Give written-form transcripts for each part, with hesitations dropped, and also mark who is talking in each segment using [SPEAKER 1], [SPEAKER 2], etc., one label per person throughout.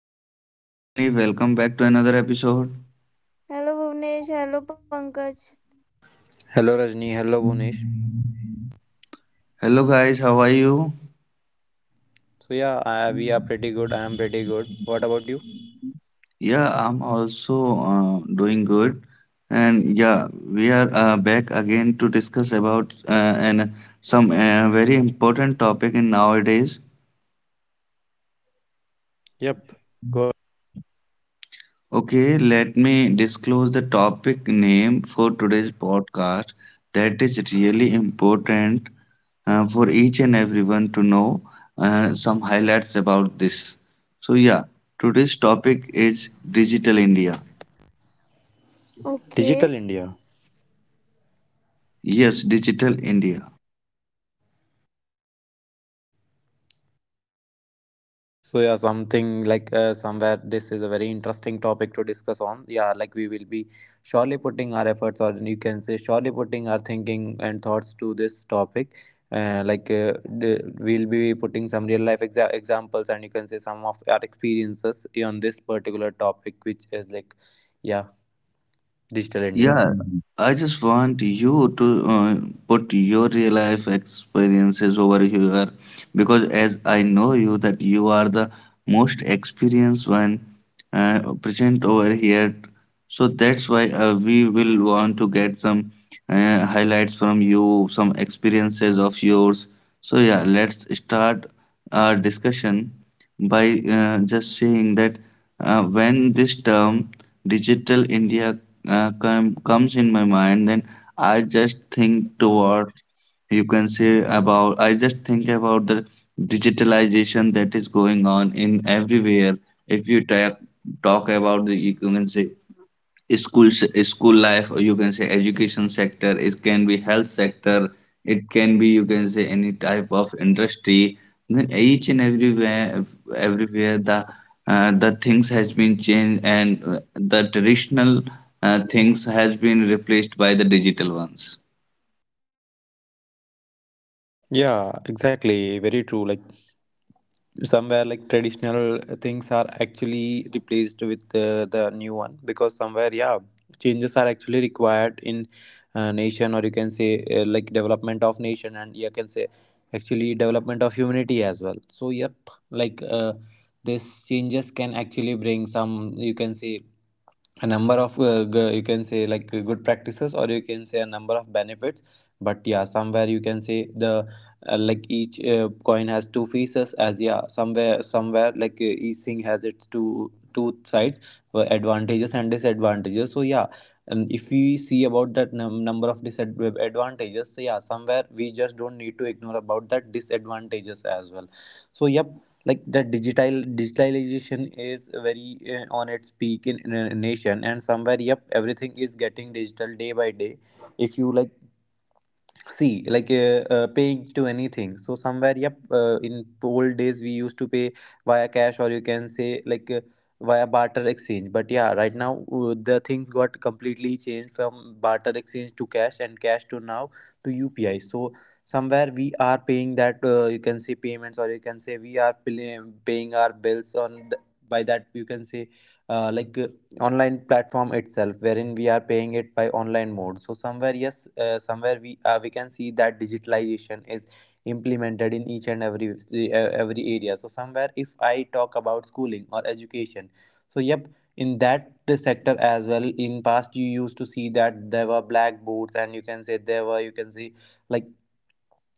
[SPEAKER 1] Pankaj, hello Rajni, welcome back to another episode.
[SPEAKER 2] Hello Bhuvnesh, hello Pankaj.
[SPEAKER 3] Hello Rajni, hello Bunish.
[SPEAKER 1] Hello guys, how are you?
[SPEAKER 3] So yeah, I, we are pretty good. I am pretty good. What about you?
[SPEAKER 1] Yeah, I'm also doing good. And yeah, we are back again to discuss about and some very important topic in nowadays.
[SPEAKER 3] Yep, go ahead.
[SPEAKER 1] Okay, let me disclose the topic name for today's podcast that is really important for each and everyone to know some highlights about this. So, yeah, today's topic is Digital India.
[SPEAKER 3] Digital
[SPEAKER 2] Okay,
[SPEAKER 3] India.
[SPEAKER 1] Yes, Digital India.
[SPEAKER 3] So yeah, something like somewhere this is a very interesting topic to discuss on. Yeah, like we will be surely putting our efforts, or you can say surely putting our thinking and thoughts to this topic. Uh, like uh, the, we'll be putting some real life examples, and you can say some of our experiences on this particular topic, which is like yeah, digital India.
[SPEAKER 1] Yeah, I just want you to put your real life experiences over here because as I know you that you are the most experienced one present over here. So that's why we will want to get some highlights from you, some experiences of yours. So yeah, let's start our discussion by just saying that when this term Digital India comes in my mind, then I just think toward, you can say, about, I just think about the digitalization that is going on in everywhere. If you talk about the, you can say, school life, or you can say education sector, it can be health sector, it can be, you can say, any type of industry, then each and everywhere, everywhere the the things has been changed, and the traditional things has been replaced by the digital ones.
[SPEAKER 3] Yeah, exactly. Very true. Like somewhere like traditional things are actually replaced with the new one, because somewhere yeah, changes are actually required in nation, or you can say like development of nation, and you can say actually development of humanity as well. So yep, like this changes can actually bring some, you can say, a number of you can say like good practices, or you can say a number of benefits. But yeah, somewhere you can say the like each coin has two faces. As yeah, somewhere like each thing has its two sides, advantages and disadvantages. So yeah, and if we see about that number of disadvantages, so yeah, somewhere we just don't need to ignore about that disadvantages as well. So yep, like the digitalization is very on its peak in a nation, and somewhere yep, everything is getting digital day by day. If you like see, like paying to anything, so somewhere yep, in old days we used to pay via cash, or you can say like via barter exchange. But yeah, right now the things got completely changed, from barter exchange to cash, and cash to now to UPI. So somewhere we are paying that, you can say, payments, or you can say we are paying our bills on by that, you can say, uh, like uh, online platform itself, wherein we are paying it by online mode. So somewhere yes, somewhere we can see that digitalization is implemented in each and every area. So somewhere if I talk about schooling or education, so yep, in that sector as well, in past you used to see that there were blackboards, and you can say there were, you can see, like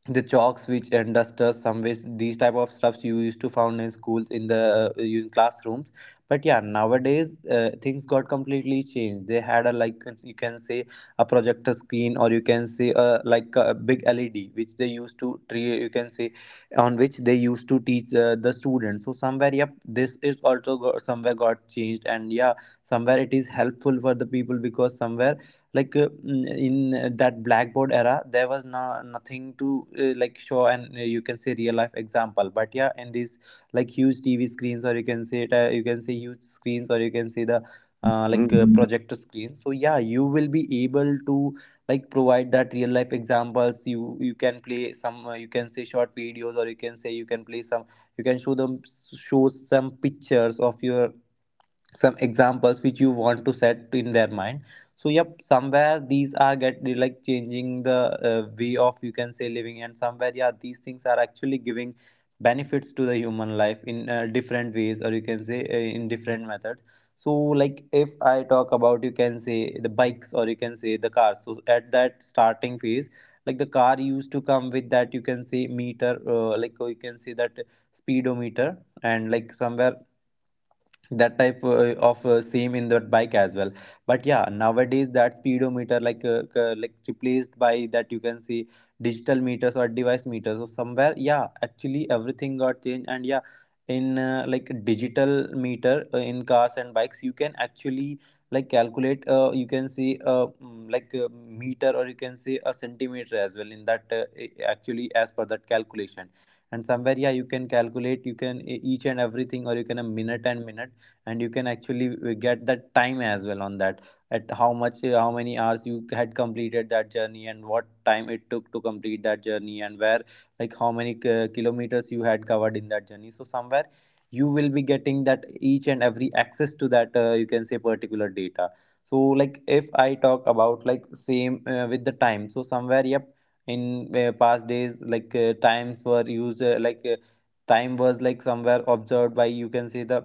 [SPEAKER 3] the chalks which and dusters, some ways these type of stuffs you used to found in schools in the in classrooms. But yeah, nowadays things got completely changed. They had a like you can say a projector screen, or you can say a, like a big LED, which they used to you can say on which they used to teach the students. So somewhere yep, this is also got, somewhere got changed. And yeah, somewhere it is helpful for the people, because somewhere like in that blackboard era there was no, nothing to like show and you can say real life example. But yeah, in these like huge TV screens, or you can say it, you can say huge screens, or you can say the
[SPEAKER 1] Mhm.
[SPEAKER 3] projector screen, so yeah you will be able to like provide that real life examples. You can play some, you can say, short videos, or you can say you can play some, you can show them, show some pictures of your some examples which you want to set in their mind. So yep, somewhere these are get like changing the way of, you can say, living, and somewhere yeah these things are actually giving benefits to the human life in different ways, or you can say in different methods. So like if I talk about, you can say, the bikes or you can say the cars, so at that starting phase, like the car used to come with that, you can say, meter, like you can say that speedometer. And like somewhere that type of same in that bike as well. But yeah, nowadays that speedometer like like replaced by that, you can see, digital meters or device meters. So somewhere yeah, actually everything got changed. And yeah, in like digital meter in cars and bikes, you can actually like calculate, you can see, like a meter or you can say a centimeter as well in that actually as per that calculation. And somewhere yeah, you can calculate, you can each and everything, or you can a minute and minute, and you can actually get that time as well on that, at how much, how many hours you had completed that journey, and what time it took to complete that journey, and where like how many kilometers you had covered in that journey. So somewhere you will be getting that each and every access to that, you can say, particular data. So like if I talk about like same with the time, so somewhere yep, in past days, like times were used, time was like somewhere observed by, you can say, the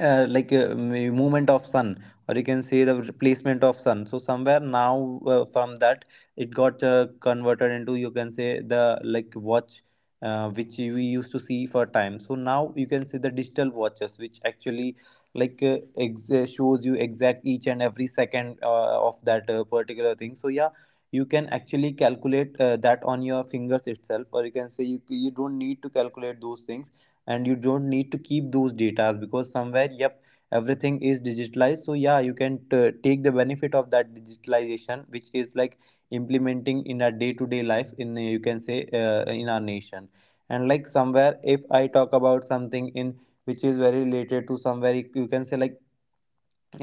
[SPEAKER 3] uh, like uh, m- movement of sun, or you can say the replacement of sun. So somewhere now from that it got converted into, you can say, the like watch, which we used to see for time. So now you can see the digital watches which actually like shows you exact each and every second of that particular thing. So yeah, you can actually calculate that on your fingers itself, or you can say you don't need to calculate those things, and you don't need to keep those data, because somewhere yep everything is digitalized. So yeah, you can take the benefit of that digitalization which is like implementing in our day-to-day life, in, you can say, in our nation. And like somewhere if I talk about something in which is very related to somewhere, you can say like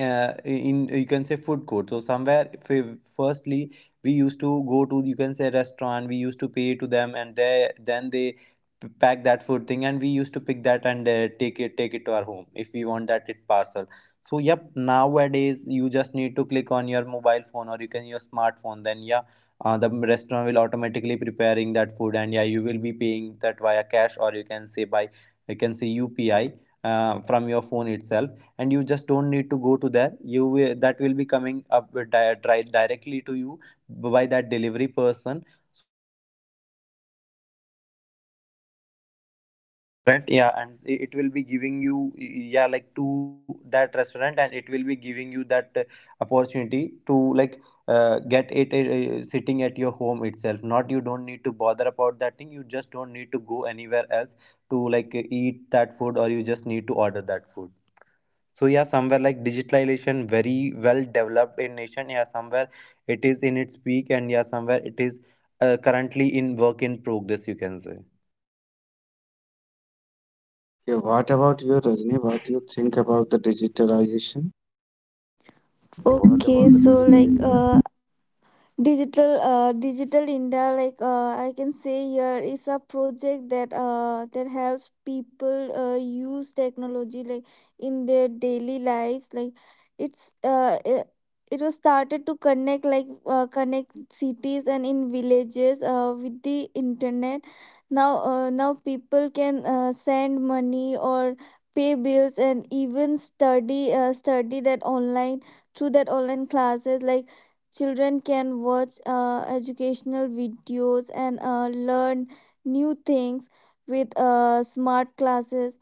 [SPEAKER 3] in, you can say, food court. So somewhere firstly we used to go to, you can say, restaurant, we used to pay to them, and they then they pack that food thing, and we used to pick that and take it to our home, if we want that it parcel. So yep, nowadays you just need to click on your mobile phone, or you can your smartphone. Then yeah, the restaurant will automatically preparing that food, and yeah you will be paying that via cash, or you can say by, you can say, UPI, from your phone itself. And you just don't need to go to there, that will be coming up with directly to you by that delivery person.
[SPEAKER 4] Yeah, and it will be giving you, yeah, like to that restaurant, and it will be giving you that opportunity to get it, sitting at your home itself. Not you don't need to bother about that thing, you just don't need to go anywhere else to eat that food, or you just need to order that food. So yeah, somewhere like digitalization very well developed in nation, yeah, somewhere it is in its peak, and yeah, somewhere it is currently in work in progress, you can say.
[SPEAKER 1] Yeah, what about you, Rajni? What do you think about the digitalization? Uh, What about
[SPEAKER 2] okay.
[SPEAKER 1] the digital India?
[SPEAKER 2] Digital digital india I can say here is a project that helps people use technology in their daily lives, it's uh, it, it was started to connect, connect cities and in villages with the internet. Now people can send money or pay bills, and even study that online, through that online classes. Children can watch educational videos and learn new things with smart classes.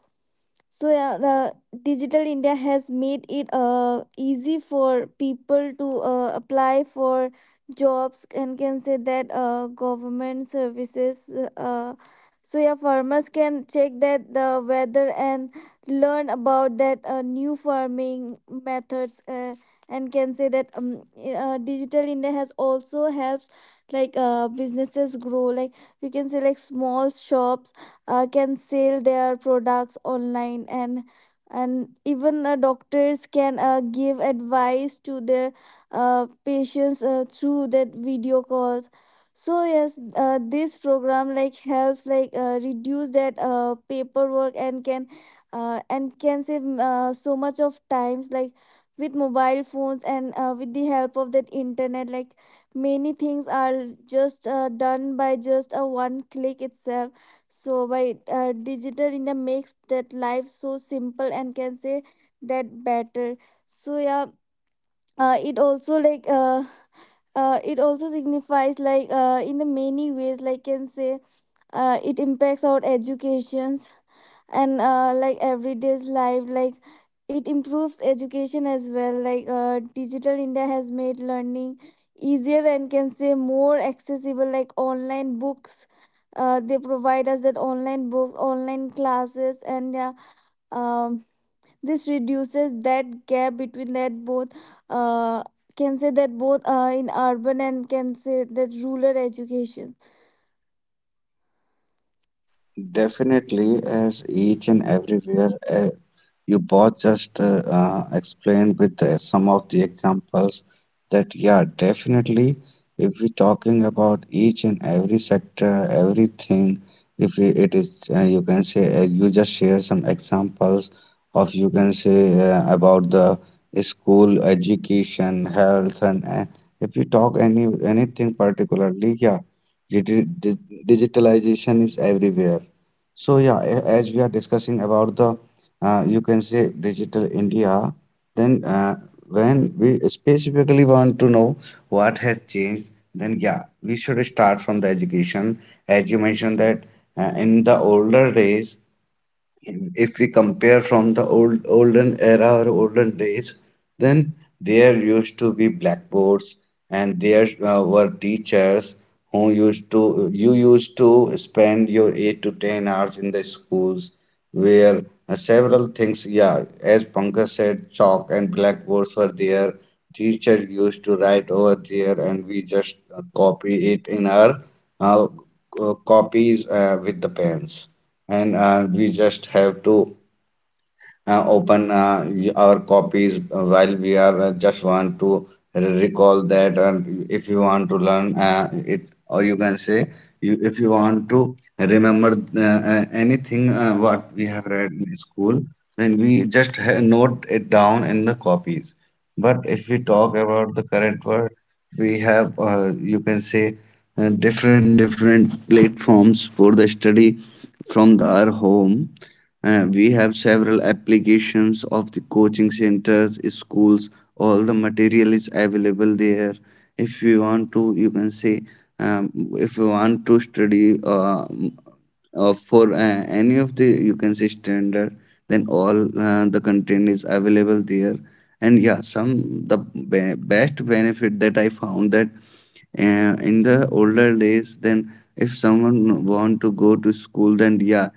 [SPEAKER 2] So yeah, the digital India has made it easy for people to apply for jobs and can say that government services. So yeah, farmers can check that the weather and learn about that new farming methods. And can say that digital India has also helps businesses grow. Like we can say like small shops can sell their products online, and even doctors can give advice to their patients through that video calls. So yes, this program like helps reduce that paperwork, and can save so much of times, like with mobile phones and with the help of that internet. Like many things are just done by just a one click itself. So by digital India makes that life so simple and can say that better. So yeah, uh, it also like uh, it also signifies in the many ways, like can say it impacts our education and like everyday's life. Like it improves education as well, digital india has made learning easier and can say more accessible, like online books. They provide us that online books, online classes, and yeah, um, this reduces that gap between that both, uh, can say that both in urban and can say that rural education.
[SPEAKER 1] Definitely, as each and everywhere. You both just explained with the some of the examples that, yeah, definitely, if we're talking about each and every sector, everything, if it is, you can say, you just share some examples of, you can say, about the school education, health, and if you talk any anything particularly, yeah, digi- di- digitalization is everywhere. So yeah, as we are discussing about the, you can say, digital India, then when we specifically want to know what has changed, then yeah, we should start from the education. As you mentioned that in the older days, if we compare from the olden era or olden days, then there used to be blackboards, and there were teachers who used to, you used to spend your 8 to 10 hours in the schools, where several things, yeah, as Pankaj said, chalk and blackboards were there. Teacher used to write over there, and we just copy it in our uh, copies with the pens, and we just have to open our copies while we are just want to recall that. And if you want to learn it, or you can say, you, if you want to remember uh, anything what we have read in school, then we just note it down in the copies. But if we talk about the current world, we have you can say, different different platforms for the study. From the, our home, we have several applications of the coaching centers, schools, all the material is available there. If you want to, you can say, um, if you want to study for any of the, you can say, standard, then all the content is available there. And yeah, some, the best benefit that I found, that uh, in the older days, then if someone want to go to school, then yeah,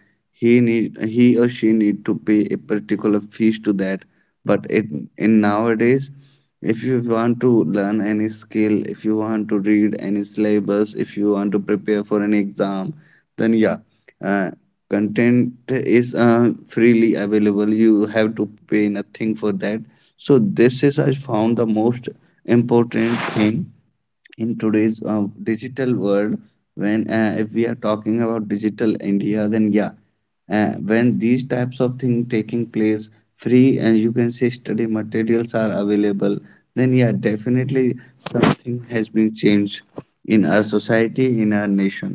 [SPEAKER 1] he or she need to pay a particular fees to that. But it in nowadays, if you want to learn any skill, if you want to read any syllabus, if you want to prepare for an exam, then yeah, uh, content is freely available, you have to pay nothing for that. So this is, I found, the most important thing in today's digital world. When if we are talking about digital india, then yeah, when these types of things taking place, free and, you can say, study materials are available, then yeah, definitely, something has been changed in our society, in our nation.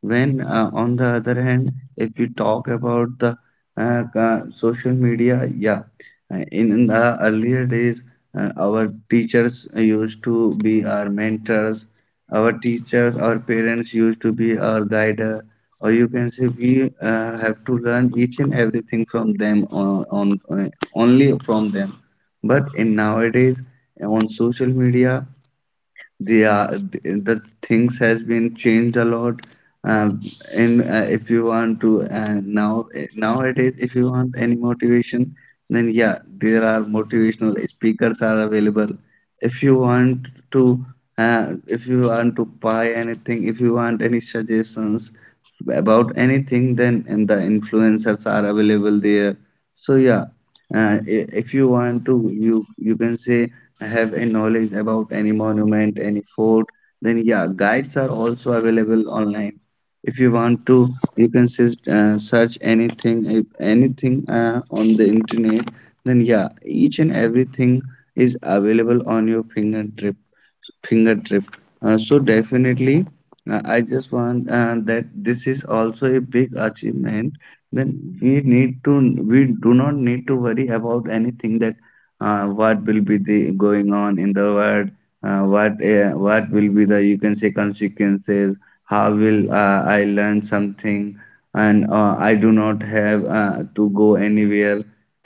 [SPEAKER 1] When, on the other hand, if we talk about the social media, yeah, in the earlier days, our teachers used to be our mentors, our teachers, our parents used to be our guider, or you can say, we have to learn each and everything from them, on only from them. But in nowadays, on social media, the the things has been changed a lot. um, and if you want to nowadays, if you want any motivation, then yeah, there are motivational speakers are available. If you want to if you want to buy anything, if you want any suggestions about anything, then and the influencers are available there. So yeah, if you want to, you can say, have a knowledge about any monument, any fort, then yeah, guides are also available online. If you want to, you can say, search anything, if anything on the internet, then yeah, each and everything is available on your fingertip, finger trip. So definitely, I just want that this is also a big achievement. Then we need to, we do not need to worry about anything, that what will be the going on in the world, what will be the, you can say, consequences, how will I learn something, and I do not have to go anywhere.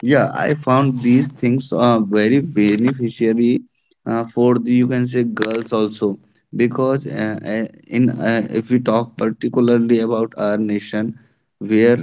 [SPEAKER 1] Yeah, I found these things very beneficiary for the, you can say, girls also. Because in if we talk particularly about our nation, where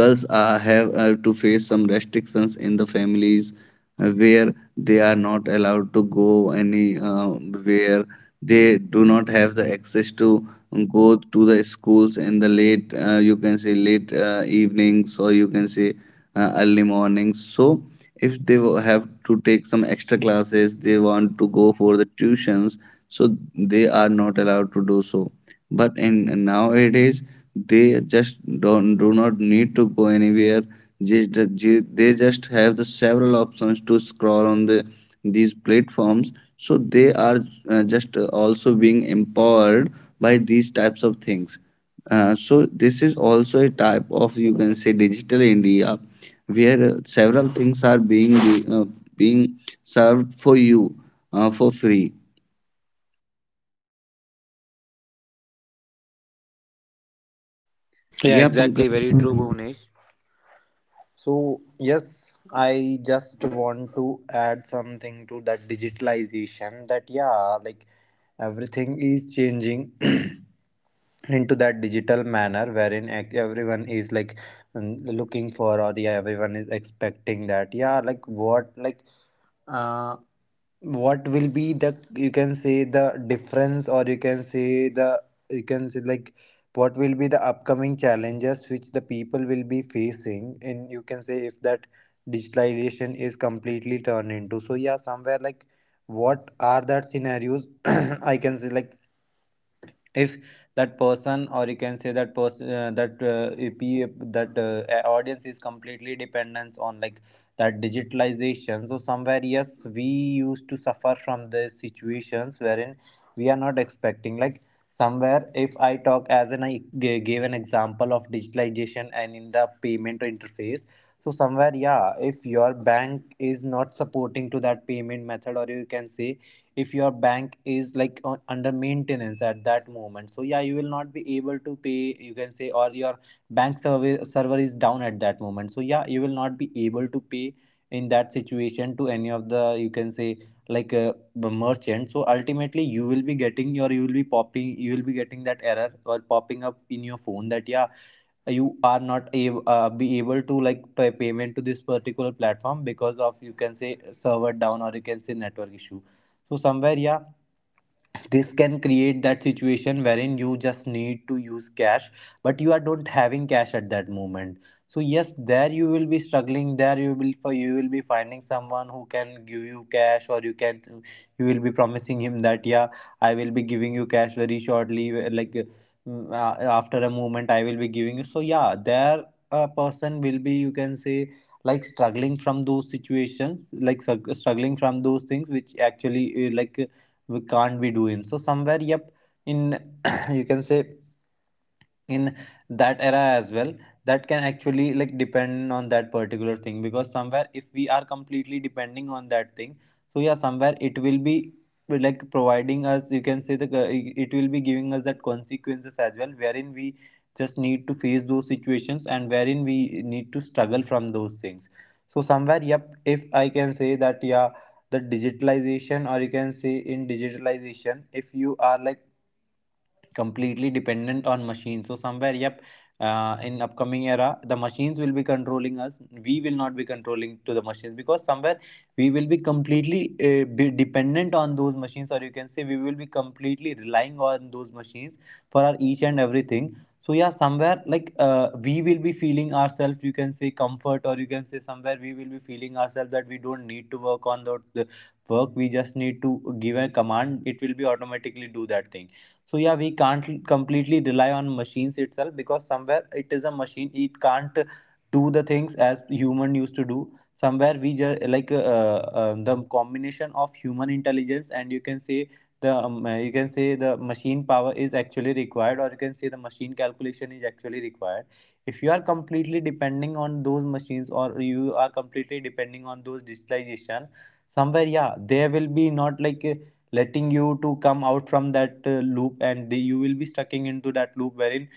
[SPEAKER 1] girls have to face some restrictions in the families, where they are not allowed to go any where they do not have the access to go to the schools in the late, you can say, late evenings, or you can say early mornings. So if they have to take some extra classes, they want to go for the tuitions, so they are not allowed to do so. But in nowadays, they just don't do not need to go anywhere, just they just have the several options to scroll on the these platforms. So they are just also being empowered by these types of things. So this is also a type of, you can say, digital india, where several things are being uh, being served for you for free.
[SPEAKER 4] Yeah,
[SPEAKER 1] Yeah,
[SPEAKER 4] exactly.
[SPEAKER 1] Pankaj.
[SPEAKER 4] Very true, Bhuvnesh. So yes, I just want to add something to that digitalization that, yeah, like everything is changing into that digital manner, wherein everyone is like, looking for, or yeah, everyone is expecting that, yeah, like what, like uh what will be the, you can say, the difference, or you can say the, you can say, like what will be the upcoming challenges which the people will be facing, and you can say if that digitalization is completely turned into. So yeah, somewhere like what are that scenarios. I can say like, if that person, or you can say that person, that if you- that a- audience is completely dependent on, like, that digitalization. So somewhere yes, we used to suffer from the situations wherein we are not expecting, like somewhere if I talk as an I gave an example of digitalization and in the payment interface. So somewhere, yeah, if your bank is not supporting to that payment method, or you can say if your bank is like on, under maintenance at that moment, so yeah, you will not be able to pay, you can say, or your bank server is down at that moment, so yeah, you will not be able to pay in that situation to any of the, you can say, like a merchant. So ultimately you will be getting your, you will be popping, you will be getting that error or popping up in your phone that, yeah, you are not able be able to like pay payment to this particular platform because of, you can say, server down, or you can say network issue. So somewhere yeah, this can create that situation wherein you just need to use cash, but you are not having cash at that moment. So yes, there you will be struggling, there you will you will be finding someone who can give you cash, or you can, you will be promising him that, yeah, I will be giving you cash very shortly, like after a moment I will be giving you. So yeah, there a person will be, you can say, like struggling from those situations, like struggling from those things which actually, like, we can't be doing. So somewhere yep, in you can say, in that era as well, that can actually like depend on that particular thing, because somewhere if we are completely depending on that thing, so yeah somewhere it will be like providing us, you can say the, it will be giving us that consequences as well, wherein we just need to face those situations and wherein we need to struggle from those things. So somewhere yep, if I can say that, yeah, the digitalization, or you can say in digitalization, if you are like completely dependent on machines, so somewhere yep, in upcoming era the machines will be controlling us, we will not be controlling to the machines, because somewhere we will be completely be dependent on those machines, or you can say we will be completely relying on those machines for our each and everything. So yeah, somewhere like we will be feeling ourselves, you can say, comfort, or you can say somewhere we will be feeling ourselves that we don't need to work on the work, we just need to give a command, it will be automatically do that thing. So yeah, we can't completely rely on machines itself, because somewhere it is a machine, it can't do the things as human used to do. Somewhere we just like, the combination of human intelligence and, you can say, the you can say the machine power is actually required, or you can say the machine calculation is actually required. If you are completely depending on those machines, or you are completely depending on those digitalization, somewhere yeah, there will be not like, letting you to come out from that loop, and the, you will be stuck into that loop wherein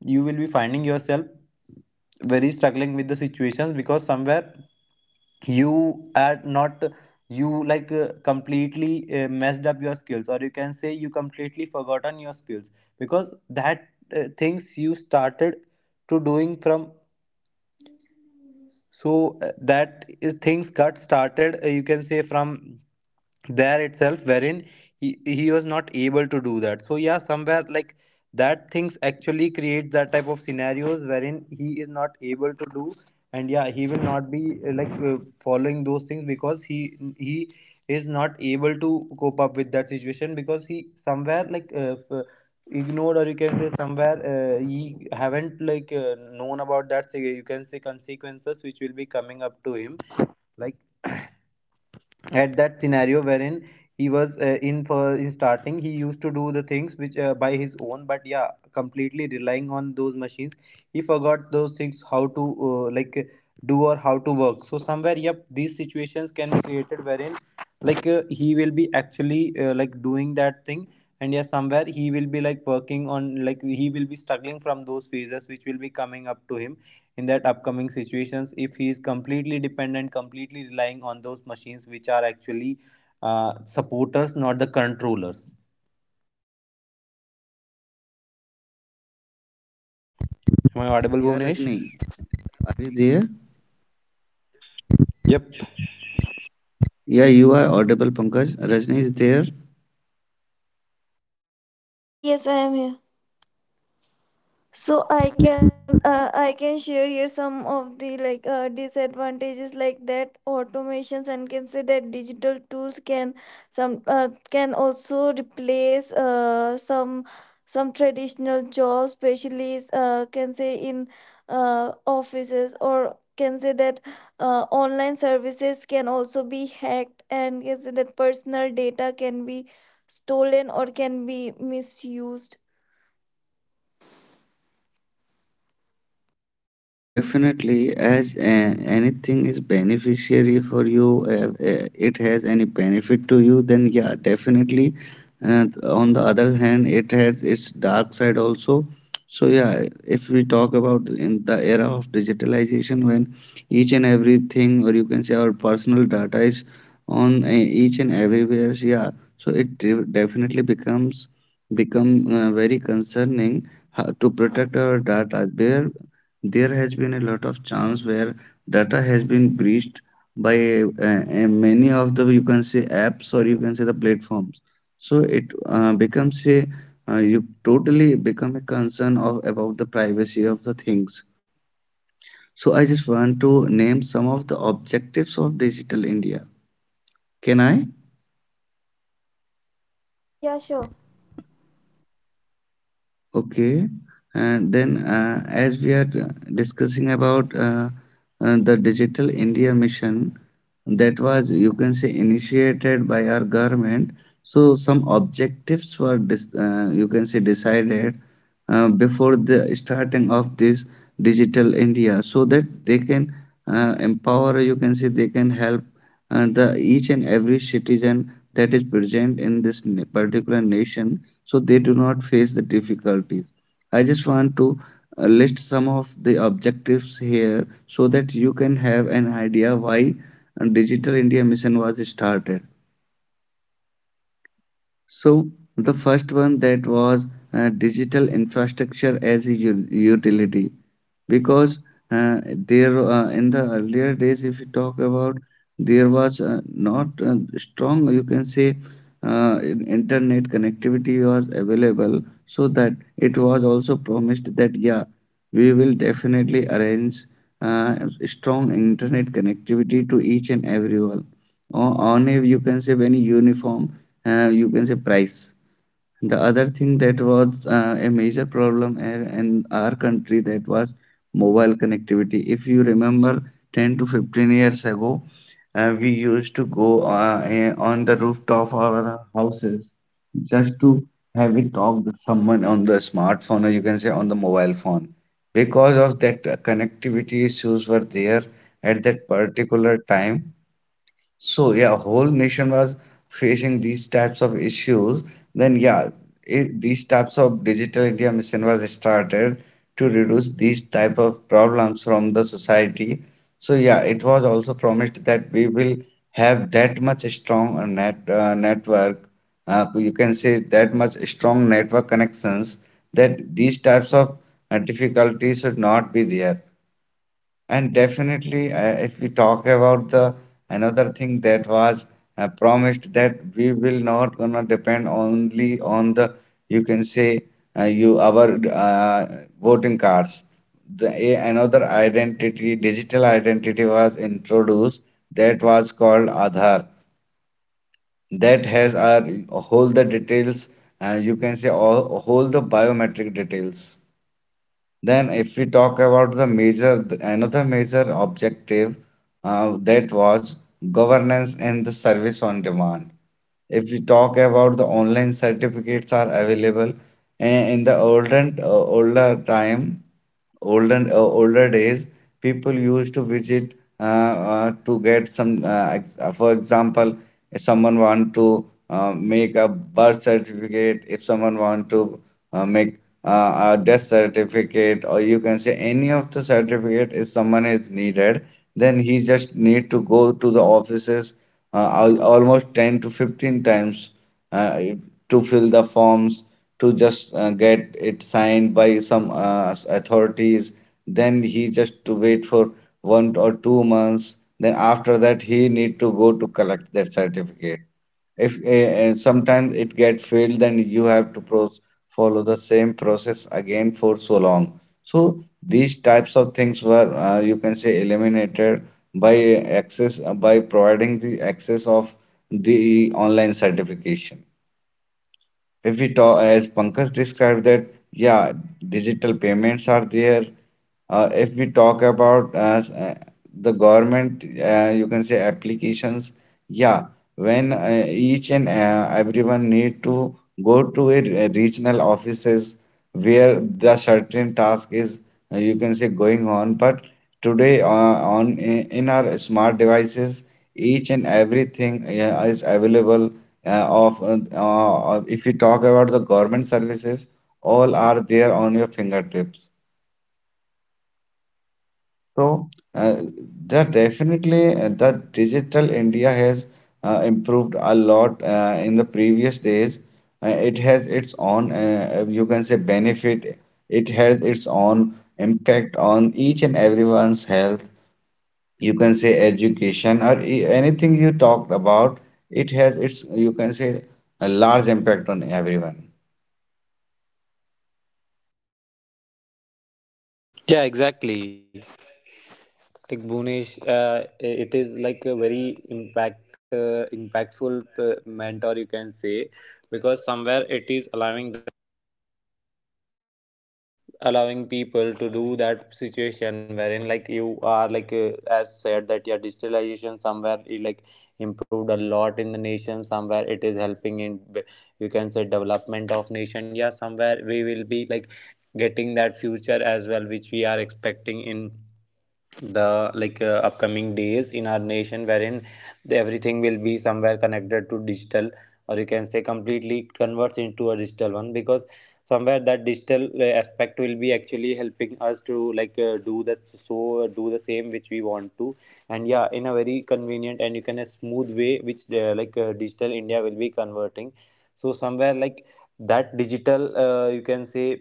[SPEAKER 4] you will be finding yourself very struggling with the situations, because somewhere you are not, you like completely messed up your skills, or you can say you completely forgotten your skills, because that things you started to doing from, so that is things got started, you can say, from there itself wherein he was not able to do that. So yeah, somewhere like that things actually creates that type of scenarios wherein he is not able to do, and yeah, he will not be following those things, because he is not able to cope up with that situation, because he somewhere like, ignored, or you can say somewhere he haven't like known about that, so, you can say, consequences which will be coming up to him, like at that scenario wherein he was in for in starting he used to do the things which by his own, but yeah, completely relying on those machines, he forgot those things how to like do or how to work. So somewhere yep, these situations can be created wherein he will be actually like doing that thing, and yeah, somewhere he will be like working on, like he will be struggling from those phases which will be coming up to him in that upcoming situations, if he is completely dependent, completely relying on those machines which are actually, supporters, not the controllers. Am I audible,
[SPEAKER 1] Yeah,
[SPEAKER 4] Bhuvnesh?
[SPEAKER 1] Rajni, are you there?
[SPEAKER 4] Yep.
[SPEAKER 1] Yeah, you are audible, Pankaj. Rajni is there.
[SPEAKER 2] Yes, I am here. So I can, I can share here some of the disadvantages, like that automations and can say that digital tools can, some can also replace some traditional jobs, especially can say in offices or can say that online services can also be hacked, and can say that personal data can be stolen or can be misused.
[SPEAKER 1] Definitely, as a anything is beneficiary for you, it has any benefit to you, then yeah, definitely. And on the other hand, it has its dark side also. So yeah, if we talk about in the era of digitalization, when each and everything, or you can say, our personal data is on each and everywhere, so yeah, so it definitely becomes, become very concerning how to protect our data. There has been a lot of chance where data has been breached by many of the, you can say, apps, or you can say, the platforms. So it becomes a you totally become a concern of about the privacy of the things. So I just want to name some of the objectives of digital india, can I?
[SPEAKER 2] Yeah, sure.
[SPEAKER 1] Okay. And then, as we are discussing about the Digital India mission, that was, you can say, initiated by our government. So, some objectives were, you can say, decided before the starting of this digital India, so that they can empower, you can say, they can help the each and every citizen that is present in this particular nation, so they do not face the difficulties. I just want to list some of the objectives here so that you can have an idea why Digital India Mission was started. So the first one that was digital infrastructure as a utility because there in the earlier days if you talk about there was not strong, you can say, internet connectivity was available, so that it was also promised that, yeah, we will definitely arrange uh, strong internet connectivity to each and everyone on a, you can say, any uniform, you can say, price. The other thing that was a major problem in our country, that was mobile connectivity. If you remember, 10 to 15 years ago, we used to go on the top of our houses just to have a talk with someone on the smartphone, or you can say on the mobile phone, because of that connectivity issues were there at that particular time. So, yeah, whole nation was facing these types of issues. Then, yeah, these types of digital India mission was started to reduce these type of problems from the society. So, yeah, it was also promised that we will have that much strong network. You can say that much strong network connections that these types of difficulties should not be there. And definitely, if we talk about the another thing that was promised, that we will not gonna depend only on the, you can say, you our uh, voting cards. Another identity, digital identity, was introduced that was called Aadhaar. That has our whole the details. You can say all whole the biometric details. Then, if we talk about the major, another major objective, that was governance and the service on demand. If we talk about, the online certificates are available. In the olden older time, olden older days, people used to visit to get some for example, if someone want to make a birth certificate, if someone want to make a death certificate, or you can say any of the certificate if someone is needed, then he just need to go to the offices almost 10 to 15 times uh, to fill the forms, to just get it signed by some authorities. Then he just to wait for one or two months. Then after that, he need to go to collect that certificate. If sometimes it get failed, then you have to pro follow the same process again for so long. So these types of things were, you can say, eliminated by access by providing the access of the online certification. If we talk, as Pankaj described that, yeah, digital payments are there. If we talk about the government, you can say, applications, yeah, when each and everyone need to go to a regional offices where the certain task is, you can say, going on. But today, in our smart devices, each and everything is available of if you talk about the government services, all are there on your fingertips. So that definitely the digital India has improved a lot in the previous days. It has its own, you can say, benefit. It has its own impact on each and everyone's health. You can say education or anything you talked about. It has its, you can say, a large impact on everyone.
[SPEAKER 4] Yeah, exactly. Like Bhunesh, uh, it is like a very impactful uh, mentor, you can say, because somewhere it is allowing people to do that situation wherein like you are like, as said that, yeah, digitalization somewhere it, like improved a lot in the nation, somewhere it is helping in you can say development of nation. Yeah, somewhere we will be like getting that future as well which we are expecting in the, upcoming days in our nation, wherein the, everything will be somewhere connected to digital, or you can say completely converts into a digital one, because somewhere that digital aspect will be actually helping us to do the so, do the same which we want to, and yeah, in a very convenient and, you can, a smooth way, which digital India will be converting. So somewhere like, that digital you can say,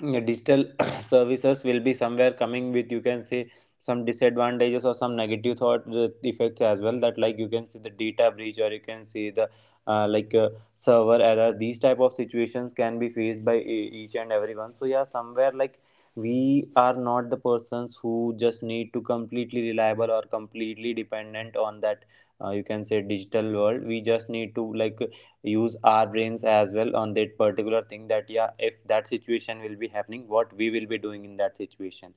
[SPEAKER 4] yeah, digital services will be somewhere coming with, you can say, some disadvantages or some negative thought effects as well, that like you can see the data breach, or you can see the uh, like uh, server error. These type of situations can be faced by each and everyone. So yeah, somewhere like, we are not the persons who just need to completely reliable or completely dependent on that, you can say digital world. We just need to like use our brains as well on that particular thing, that yeah, if that situation will be happening, what we will be doing in that situation.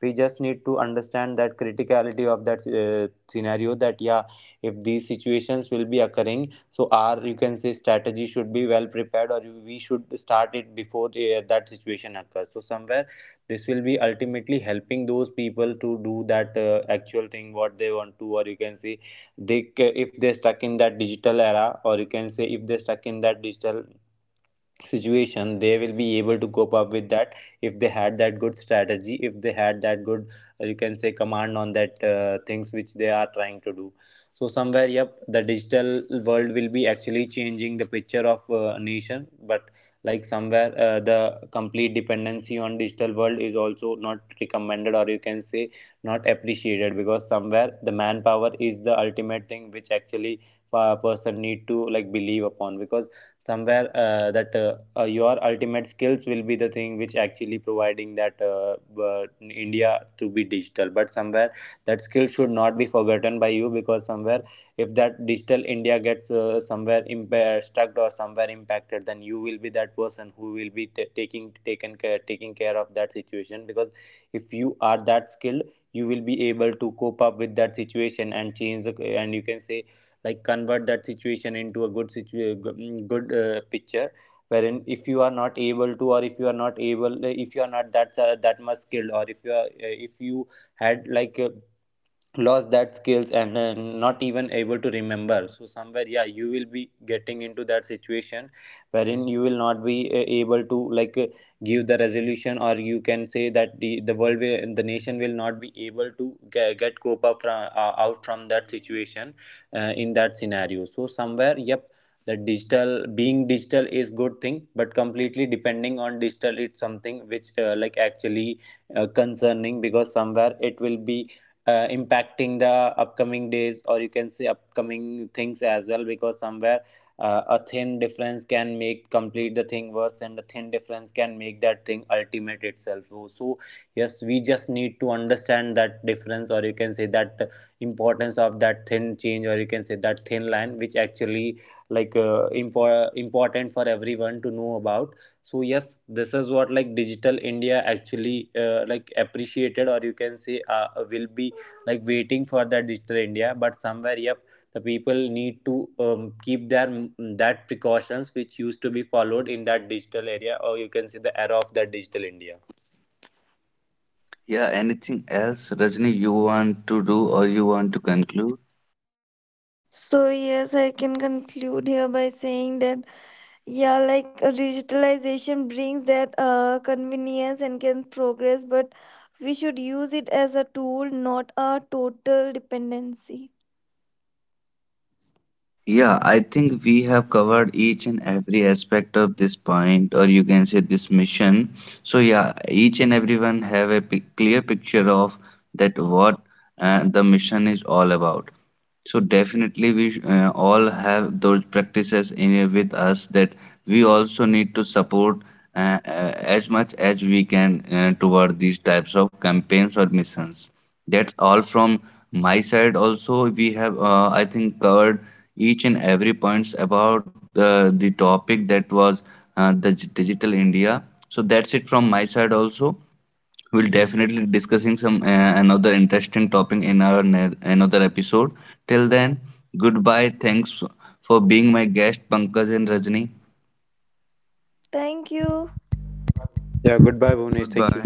[SPEAKER 4] We just need to understand that criticality of that scenario, that yeah, if these situations will be occurring, so our, you can say, strategy should be well prepared, or we should start it before that situation occurs. So somewhere, this will be ultimately helping those people to do that actual thing what they want to, or you can say, if they're stuck in that digital era, or you can say if they're stuck in that digital situation, they will be able to cope up with that if they had that good strategy, if they had that good you can say command on that things which they are trying to do. So somewhere yep, the digital world will be actually changing the picture of a nation, but like somewhere the complete dependency on digital world is also not recommended, or you can say not appreciated, because somewhere the manpower is the ultimate thing which actually a person need to like believe upon. Because somewhere, that your ultimate skills will be the thing which actually providing that, India to be digital, but somewhere that skill should not be forgotten by you, because somewhere if that digital India gets, somewhere impaired, stuck, or somewhere impacted, then you will be that person who will be taking care of that situation. Because if you are that skilled, you will be able to cope up with that situation and change the, and you can say, like convert that situation into a good picture, wherein if you are not able to, or if you are not able, if you are not that that much skilled, or if you are, if you had like lost that skills, and not even able to remember. So somewhere yeah, you will be getting into that situation wherein you will not be able to like give the resolution, or you can say that the world will, the nation will not be able to get cope up from, out from that situation, in that scenario. So somewhere yep, the digital being digital is good thing, but completely depending on digital, it's something which actually concerning, because somewhere it will be impacting the upcoming days, or you can say upcoming things as well, because somewhere a thin difference can make complete the thing worse, and a thin difference can make that thing ultimate itself. So, so yes, we just need to understand that difference, or you can say that importance of that thin change, or you can say that thin line, which actually important for everyone to know about. So yes, this is what like digital India actually appreciated, or you can say will be like waiting for that digital India. But somewhere, yep, the people need to keep their that precautions which used to be followed in that digital area, or you can say the era of that digital India.
[SPEAKER 1] Yeah, anything else, Rajni, you want to do or you want to conclude?
[SPEAKER 2] So yes, I can conclude here by saying that, yeah, digitalization brings that convenience and can progress, but we should use it as a tool, not a total dependency.
[SPEAKER 1] Yeah, I think we have covered each and every aspect of this point, or you can say this mission. So, yeah, each and everyone have a clear picture of that what the mission is all about. So definitely we all have those practices in with us that we also need to support uh, uh, as much as we can toward these types of campaigns or missions. That's all from my side. Also, we have, I think, covered each and every points about the topic that was digital India. So that's it from my side also. We'll definitely discussing some another interesting topic in our another episode. Till then, goodbye. Thanks for being my guest, Pankaj and Rajni.
[SPEAKER 2] Thank you.
[SPEAKER 4] Yeah, goodbye, Bhunesh. Thank
[SPEAKER 1] Goodbye.
[SPEAKER 4] you.